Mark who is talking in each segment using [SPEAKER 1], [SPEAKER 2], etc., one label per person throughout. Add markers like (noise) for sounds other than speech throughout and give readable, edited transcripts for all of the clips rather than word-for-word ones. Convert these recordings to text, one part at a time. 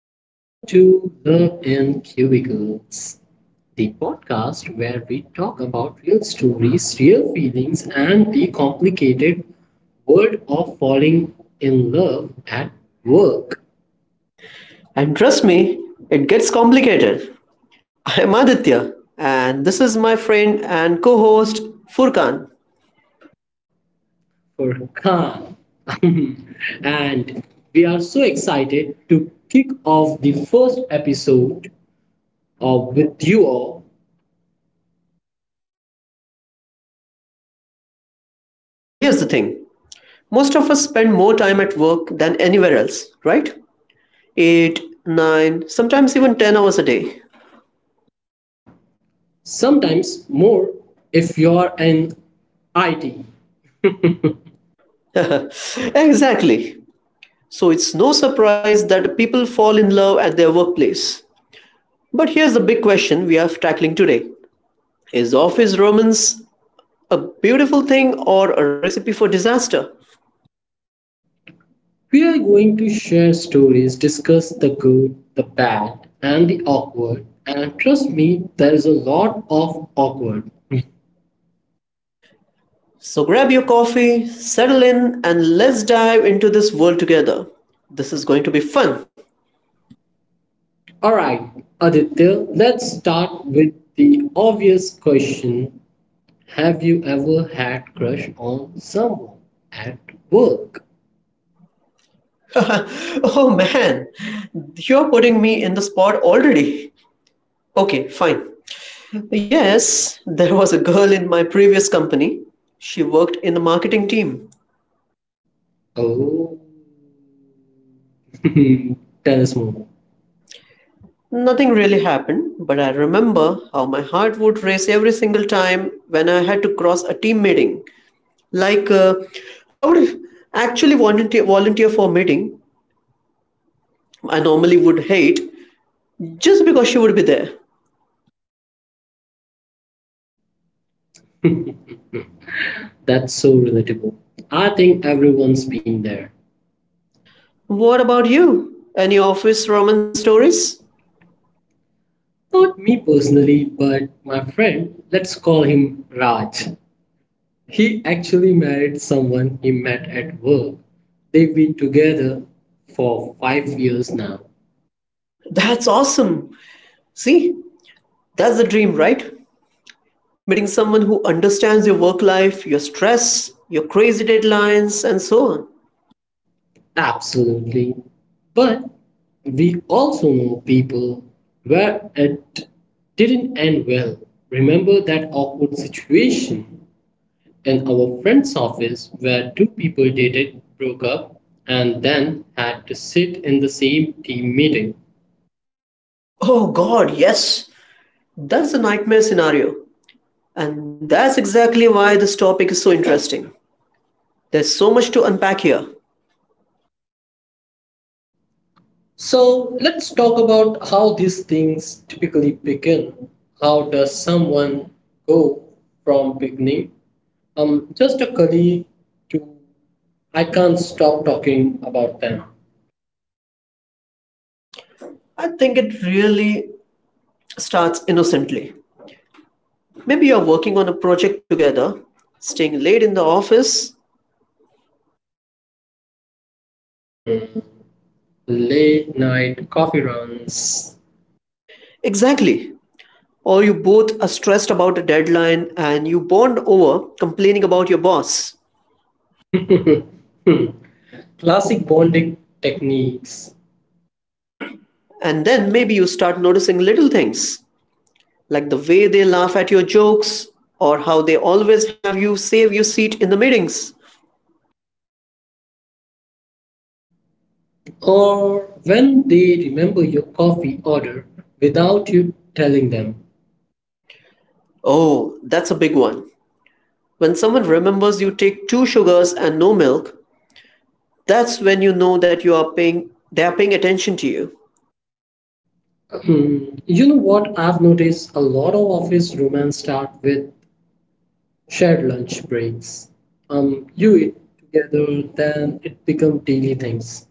[SPEAKER 1] welcome to Love in Cubicles, the podcast where we talk about real stories, real feelings, and the complicated world of falling in love at work.
[SPEAKER 2] And trust me, it gets complicated. I am Aditya, and this is my friend and co host Furkan.
[SPEAKER 1] For Khan. (laughs) And we are so excited to kick off the first episode of with you all.
[SPEAKER 2] So here's the thing, most of us spend more time at work than anywhere else, right? 8, 9, sometimes even 10 hours a day.
[SPEAKER 1] Sometimes more if you are in IT.
[SPEAKER 2] (laughs) Exactly. So it's no surprise that people fall in love at their workplace. But here's the big question we are tackling today. Is office romance a beautiful thing or a recipe for disaster?
[SPEAKER 1] We are going to share stories, discuss the good, the bad, and the awkward. And trust me, there is a lot of awkward.
[SPEAKER 2] So grab your coffee, settle in, and let's dive into this world together. This is going to be fun.
[SPEAKER 1] Alright, Aditya, let's start with the obvious question. Have you ever had crush on someone at work?
[SPEAKER 2] (laughs) Oh man, you're putting me in the spot already. Okay, fine. Yes, there was a girl in my previous company. She worked in the marketing team.
[SPEAKER 1] Oh. (laughs) Tell us more.
[SPEAKER 2] Nothing really happened, but I remember how my heart would race every single time when I had to cross a team meeting. Like, uh, I would actually volunteer for a meeting I normally would hate, just because she would be there.
[SPEAKER 1] That's so relatable. I think everyone's been there.
[SPEAKER 2] What about you? Any office romance stories?
[SPEAKER 1] Not me personally, but my friend, let's call him Raj. He actually married someone he met at work. They've been together for 5 years now.
[SPEAKER 2] That's awesome. See, that's the dream, right? Meeting someone who understands your work life, your stress, your crazy deadlines, and so on.
[SPEAKER 1] Absolutely. But we also know people where it didn't end well. Remember that awkward situation in our friend's office where two people dated, broke up, and then had to sit in the same team meeting?
[SPEAKER 2] Oh god, yes. That's the nightmare scenario. And that's exactly why this topic is so interesting. There's so much to unpack here.
[SPEAKER 1] So let's talk about how these things typically begin. How does someone go from beginning? Just a colleague to I can't stop talking about them.
[SPEAKER 2] I think it really starts innocently. Maybe you're working on a project together, staying late in the office.
[SPEAKER 1] Hmm. Late night coffee runs. (laughs)
[SPEAKER 2] Exactly. Or you both are stressed about a deadline and you bond over complaining about your boss.
[SPEAKER 1] Hmm. Classic bonding techniques.
[SPEAKER 2] And then maybe you start noticing little things, like the way they laugh at your jokes or how they always have you save your seat in the meetings.
[SPEAKER 1] Or when they remember your coffee order without you telling them.
[SPEAKER 2] Oh, that's a big one. When someone remembers you take two sugars and no milk, that's when you know that you are paying they are paying attention to you.
[SPEAKER 1] Hmm. You know what? I've noticed a lot of office romance start with shared lunch breaks. You eat together, then it become daily things.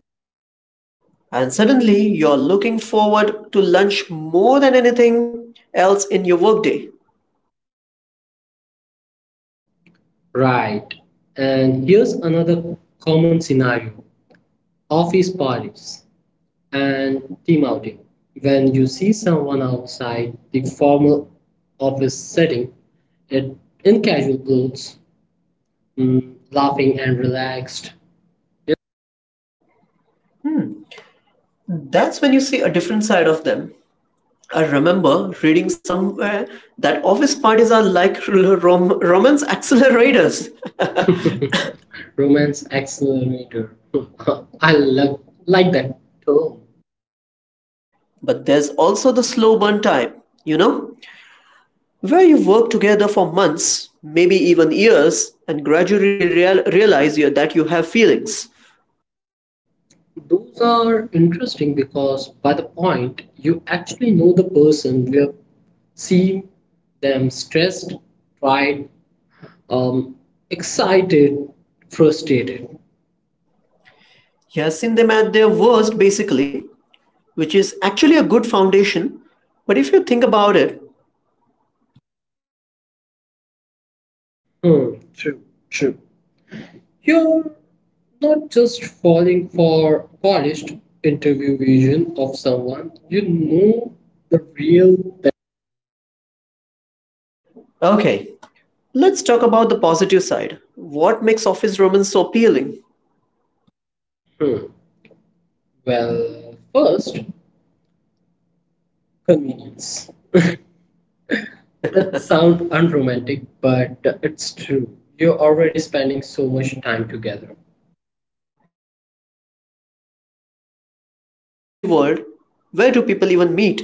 [SPEAKER 2] And suddenly you're looking forward to lunch more than anything else in your workday.
[SPEAKER 1] Right. And here's another common scenario: office parties and team outing. When you see someone outside the formal office setting, it in casual clothes, laughing and relaxed.
[SPEAKER 2] That's when you see a different side of them. I remember reading somewhere that office parties are like (laughs) romance accelerators.
[SPEAKER 1] Romance accelerator. (laughs) I love, like that term.
[SPEAKER 2] (laughs) But there's also the slow burn type, you know, where you work together for months, maybe even years, and gradually realize that you have feelings.
[SPEAKER 1] Those are interesting because by the point you actually know the person, you have seen them stressed, tried, um, excited, frustrated.
[SPEAKER 2] You has seen them at their worst, basically, which is actually a good foundation. But if you think about it,
[SPEAKER 1] Hmm, true, true. You're not just falling for polished interview vision of someone, you know the real.
[SPEAKER 2] okay, let's talk about the positive side. What makes office romance so appealing?
[SPEAKER 1] Hmm. Well, first, convenience. That sounds unromantic, but it's true. You're already spending so much time together.
[SPEAKER 2] No, that's fair. In today's busy world, where do people even meet?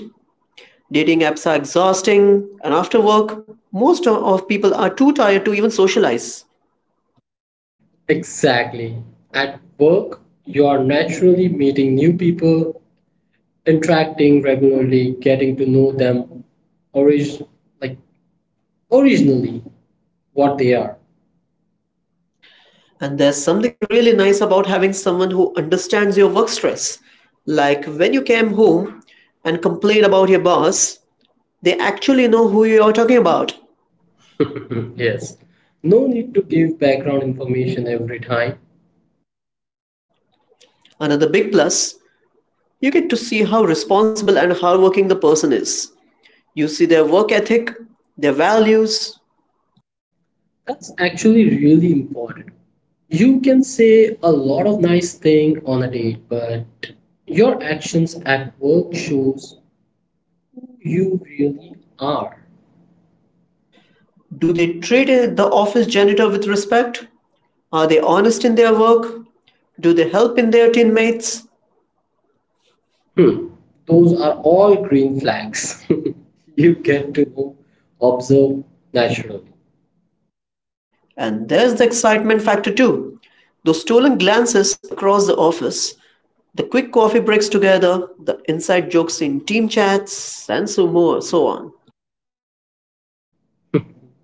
[SPEAKER 2] Dating apps are exhausting, and after work, most of people are too tired to even socialize.
[SPEAKER 1] Exactly. At work, you are naturally meeting new people, interacting regularly, getting to know them origin like originally what they are.
[SPEAKER 2] And there's something really nice about having someone who understands your work stress. Like when you came home and complained about your boss, they actually know who you're talking about.
[SPEAKER 1] Mhm, yes. No need to give background information every time.
[SPEAKER 2] Another big plus, you get to see how responsible and hardworking the person is. You see their work ethic, their values.
[SPEAKER 1] That's actually really important. You can say a lot of nice things on a date, but your actions at work shows who you really are.
[SPEAKER 2] Do they treat the office janitor with respect? Are they honest in their work? Do they help in their teammates?
[SPEAKER 1] Hmm. Those are all green flags. (laughs) You get to know, observe naturally.
[SPEAKER 2] And there's the excitement factor too. Those stolen glances across the office, the quick coffee breaks together, the inside jokes in team chats, and so more, so on.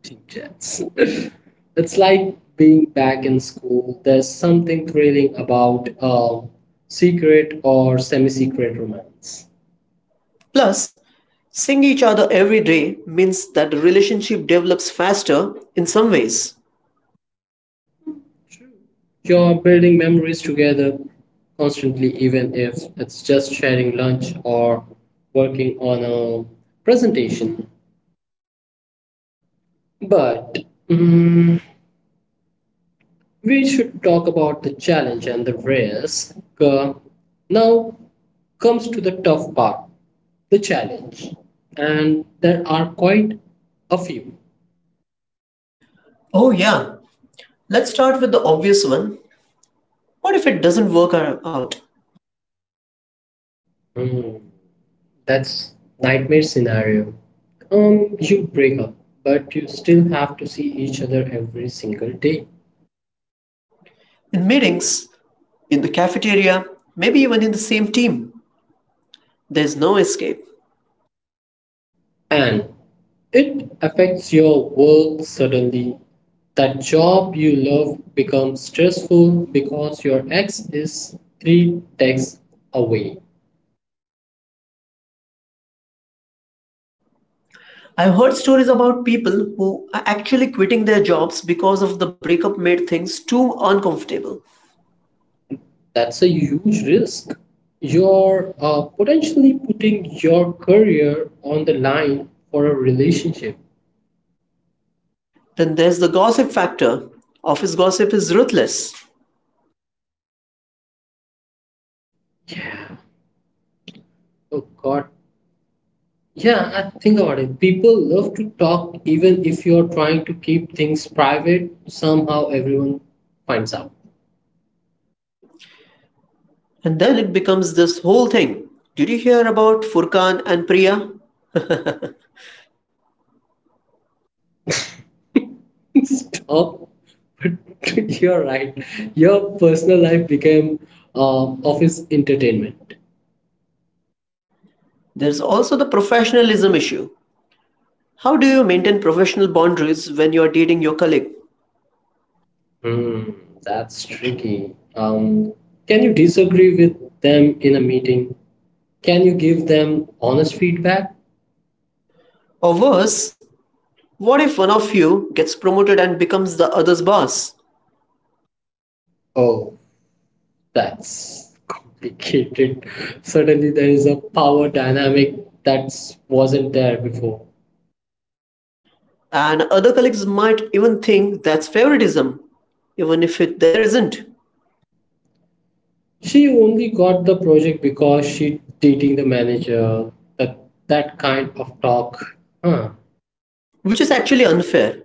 [SPEAKER 1] Team chats. (laughs) It's like being back in school. There's something thrilling about a secret or semi-secret romance.
[SPEAKER 2] Plus, seeing each other every day means that the relationship develops faster in some ways.
[SPEAKER 1] You're building memories together constantly, even if it's just sharing lunch or working on a presentation. But mm, we should talk about the challenge and the risk. Now comes to the tough part the challenge, and there are quite a few.
[SPEAKER 2] Oh, yeah. Let's start with the obvious one. What if it doesn't work out?
[SPEAKER 1] Mm. That's nightmare scenario. You break up, but you still have to see each other every single day.
[SPEAKER 2] In meetings, in the cafeteria, maybe even in the same team, there's no escape.
[SPEAKER 1] And it affects your work suddenly. That job you love becomes stressful because your ex is three texts away.
[SPEAKER 2] I've heard stories about people who are actually quitting their jobs because of the breakup made things too uncomfortable.
[SPEAKER 1] That's a huge risk. You're potentially putting your career on the line for a relationship.
[SPEAKER 2] Then there's the gossip factor. Office gossip is ruthless.
[SPEAKER 1] Yeah. Oh God, yeah, I think about it. People love to talk even if you're trying to keep things private. Somehow everyone finds out.
[SPEAKER 2] And then it becomes this whole thing. Did you hear about Furkan and Priya?
[SPEAKER 1] (laughs) Stop. But (laughs) you're right. Your personal life became uh, office entertainment.
[SPEAKER 2] There's also the professionalism issue. How do you maintain professional boundaries when you are dating your colleague?
[SPEAKER 1] Hmm, that's tricky. Can you disagree with them in a meeting? Can you give them honest feedback?
[SPEAKER 2] Or worse, what if one of you gets promoted and becomes the other's boss?
[SPEAKER 1] Oh, that's complicated. Suddenly, there is a power dynamic that wasn't there before.
[SPEAKER 2] And other colleagues might even think that's favoritism, even if it, there isn't,
[SPEAKER 1] She only got the project because she dating the manager. That that kind of talk. Huh.
[SPEAKER 2] which is actually unfair.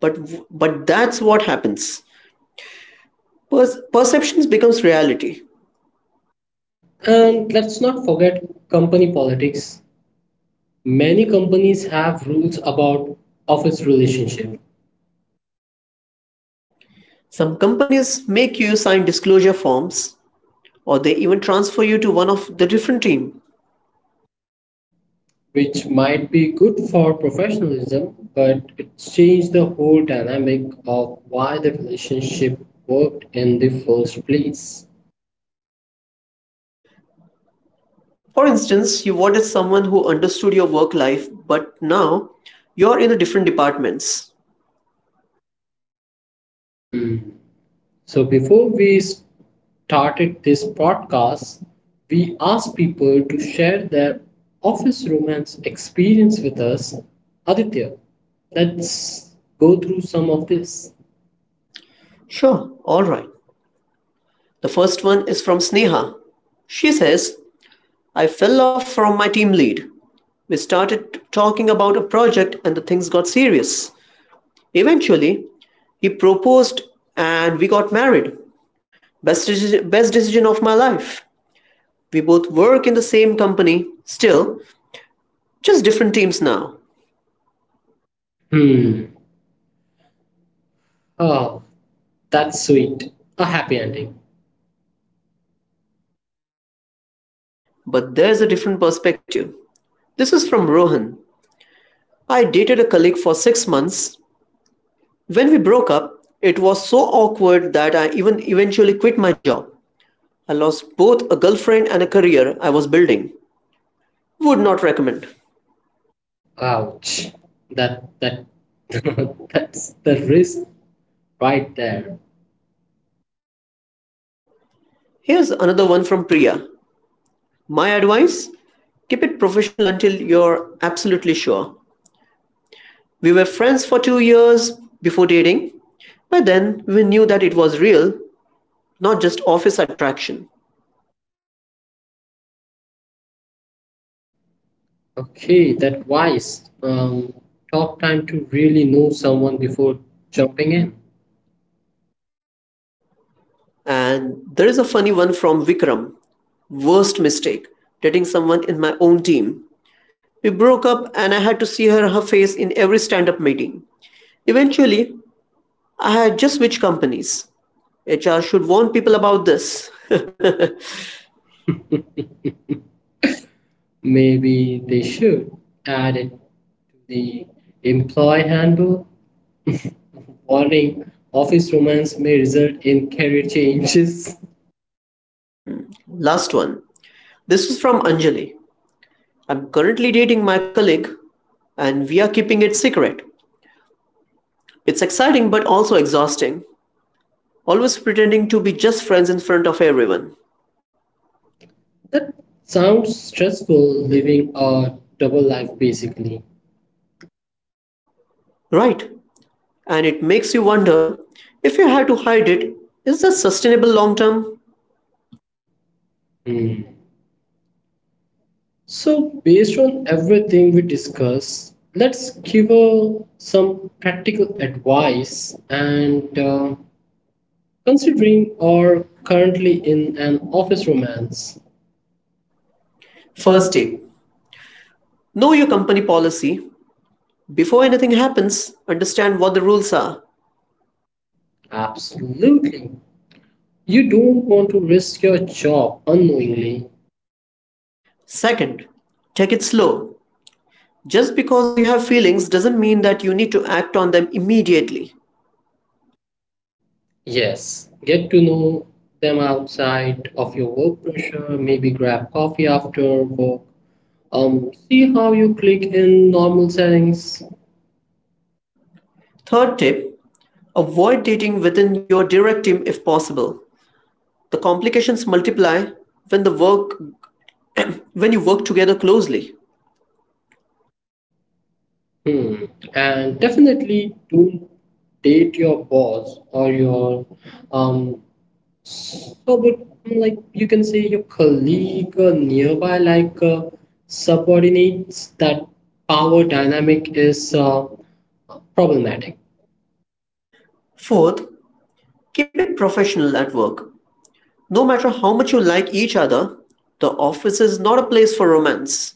[SPEAKER 2] But, but that's what happens. Perceptions becomes reality.
[SPEAKER 1] And let's not forget company politics. Many companies have rules about office relationship.
[SPEAKER 2] Some companies make you sign disclosure forms or they even transfer you to one of the different team.
[SPEAKER 1] Which might be good for professionalism, but it changed the whole dynamic of why the relationship worked in the first place.
[SPEAKER 2] For instance, you wanted someone who understood your work life, but now you're in a different departments.
[SPEAKER 1] Hmm. So, before we started this podcast, we asked people to share their office romance experience with us. Aditya, let's go through some of this.
[SPEAKER 2] Sure, all right. The first one is from Sneha. She says, I fell off from my team lead. We started talking about a project and the things got serious. Eventually, he proposed and we got married. Best decision of my life. We both work in the same company, still, just different teams now.
[SPEAKER 1] Hmm. Oh, that's sweet. A happy ending.
[SPEAKER 2] But there's a different perspective. This is from Rohan. I dated a colleague for 6 months. When we broke up, it was so awkward that I even eventually quit my job. I lost both a girlfriend and a career I was building. Would not recommend.
[SPEAKER 1] Ouch. That (laughs) that's the risk right there.
[SPEAKER 2] Here's another one from Priya. My advice, keep it professional until you're absolutely sure. We were friends for 2 years before dating. By then, we knew that it was real, not just office attraction.
[SPEAKER 1] Okay, that wise. Talk time to really know someone before jumping in.
[SPEAKER 2] And there is a funny one from Vikram. Worst mistake, dating someone in my own team. We broke up and I had to see her face in every stand-up meeting. Eventually, I had just switched companies. HR should warn people about this. (laughs)
[SPEAKER 1] Maybe they should add it to the employee handbook. Warning: office romance may result in career changes. (laughs)
[SPEAKER 2] Last one. This is from Anjali. I'm currently dating my colleague and we are keeping it secret. It's exciting but also exhausting. Always pretending to be just friends in front of everyone.
[SPEAKER 1] That sounds stressful, living a double life basically.
[SPEAKER 2] Right. And it makes you wonder, if you had to hide it, is that sustainable long term?
[SPEAKER 1] Hmm. So, based on everything we discussed, let's give some practical advice. And considering or currently in an office romance, first
[SPEAKER 2] First
[SPEAKER 1] date.
[SPEAKER 2] tip, know your company policy. Before anything happens, understand what the rules are.
[SPEAKER 1] Absolutely, you don't want to risk your job unknowingly.
[SPEAKER 2] Second, take it slow. Just because you have feelings doesn't mean that you need to act on them immediately.
[SPEAKER 1] Yes, get to know them outside of your work pressure. Maybe grab coffee after work. See how you click in normal settings.
[SPEAKER 2] Third tip, avoid dating within your direct team if possible. The complications multiply when the work when you work together closely.
[SPEAKER 1] Hmm. And definitely don't date your boss or your um so but like you can say your colleague or nearby like subordinates. That power dynamic is problematic.
[SPEAKER 2] Fourth, keep it professional at work. No matter how much you like each other, the office is not a place for romance.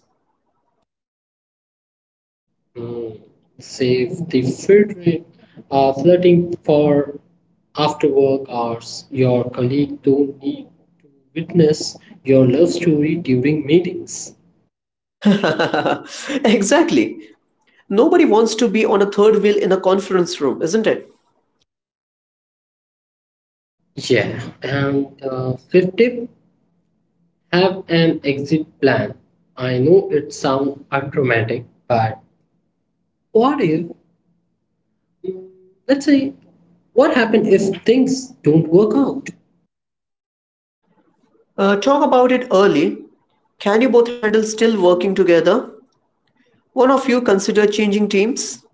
[SPEAKER 1] Hmm. Save the filtering, flirting for after work hours. Your colleague don't need to witness your love story during meetings.
[SPEAKER 2] (laughs) Exactly. Nobody wants to be on a third wheel in a conference room, isn't it?
[SPEAKER 1] Yeah, and fifth tip have an exit plan. I know it sounds unromantic, but what if, mm, let's say, what happens if things don't work out?
[SPEAKER 2] Talk about it early. Can you both handle still working together? One of you consider changing teams?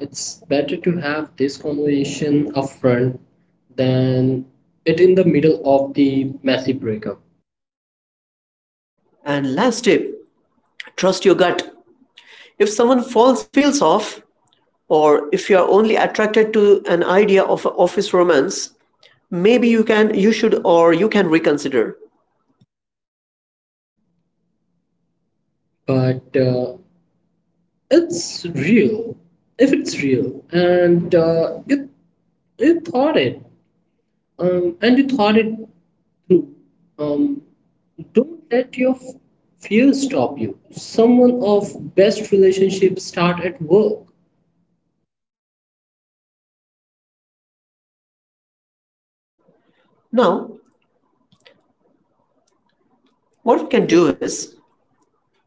[SPEAKER 1] It's better to have this conversation upfront than it in the middle of the messy breakup.
[SPEAKER 2] And last tip, trust your gut. If someone feels off, or if you are only attracted to an idea of a office romance, maybe you should, or you can reconsider.
[SPEAKER 1] But it's real, if it's real, and you thought it and you thought it through. Um, don't let your fears stop you. Someone of best relationships start at work.
[SPEAKER 2] Now, what we
[SPEAKER 1] We
[SPEAKER 2] can
[SPEAKER 1] can
[SPEAKER 2] do
[SPEAKER 1] do is
[SPEAKER 2] is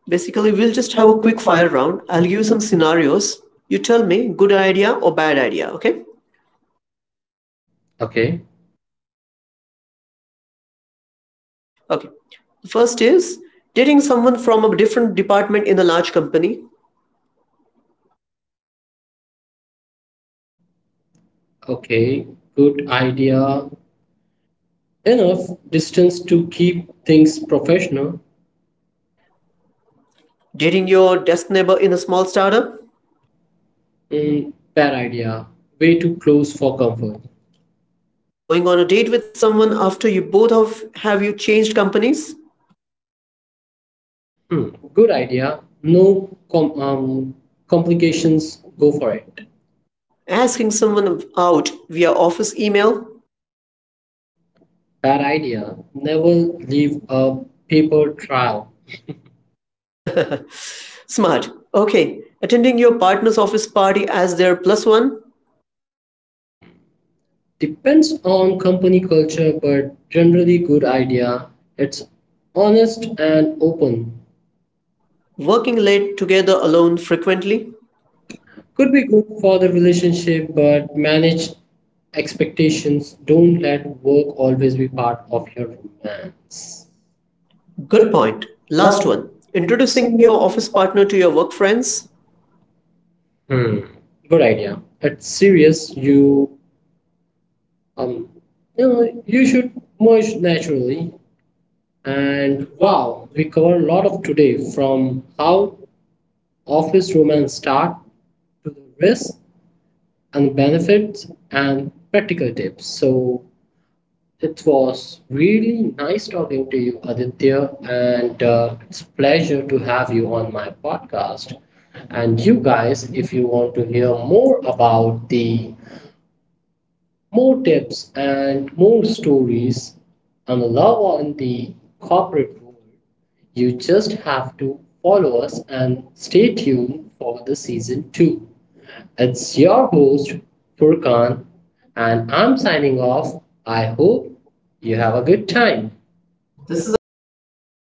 [SPEAKER 2] basically, we'll
[SPEAKER 1] we'll
[SPEAKER 2] just
[SPEAKER 1] just
[SPEAKER 2] have
[SPEAKER 1] have
[SPEAKER 2] a
[SPEAKER 1] a
[SPEAKER 2] quick
[SPEAKER 1] quick
[SPEAKER 2] fire
[SPEAKER 1] fire round
[SPEAKER 2] round. I'll
[SPEAKER 1] and
[SPEAKER 2] give
[SPEAKER 1] give
[SPEAKER 2] you
[SPEAKER 1] some
[SPEAKER 2] some
[SPEAKER 1] scenarios.
[SPEAKER 2] scenarios. You tell me good idea or bad idea, okay?
[SPEAKER 1] Okay,
[SPEAKER 2] Okay. The first is dating someone from a different department in a large company,
[SPEAKER 1] okay, good idea. Enough distance to keep things professional.
[SPEAKER 2] dating your desk neighbor in a small startup,
[SPEAKER 1] Mm, bad idea. Way too close for comfort.
[SPEAKER 2] going on a date with someone after you both have you changed companies,
[SPEAKER 1] Hmm, good idea. No complications. Go for it.
[SPEAKER 2] asking someone out via office email.
[SPEAKER 1] That idea, never leave a paper trail,
[SPEAKER 2] Smart. Okay. Attending your partner's office party as their plus one,
[SPEAKER 1] depends on company culture, but generally good idea. It's honest and open.
[SPEAKER 2] working late together alone frequently.
[SPEAKER 1] Could be good for the relationship, but manage expectations. Don't let work always be part of your romance.
[SPEAKER 2] Good point. Last one. Introducing your office partner to your work friends.
[SPEAKER 1] Hmm. Good idea. It's serious. You um, you should merge naturally.
[SPEAKER 2] And
[SPEAKER 1] And
[SPEAKER 2] wow,
[SPEAKER 1] wow, we cover a lot of today from how office romance start to the risk and benefits and practical tips. So it was really nice talking to you, Aditya, and it's a pleasure to have you on my podcast. And you guys, if you want to hear more about the more tips and more stories and love on the corporate world, you just have to follow us and stay tuned for the season 2. It's your host, Furkan, and I'm signing off. I hope you have a good time.
[SPEAKER 2] this is
[SPEAKER 1] This is
[SPEAKER 2] Aditya
[SPEAKER 1] Aditya
[SPEAKER 2] signing.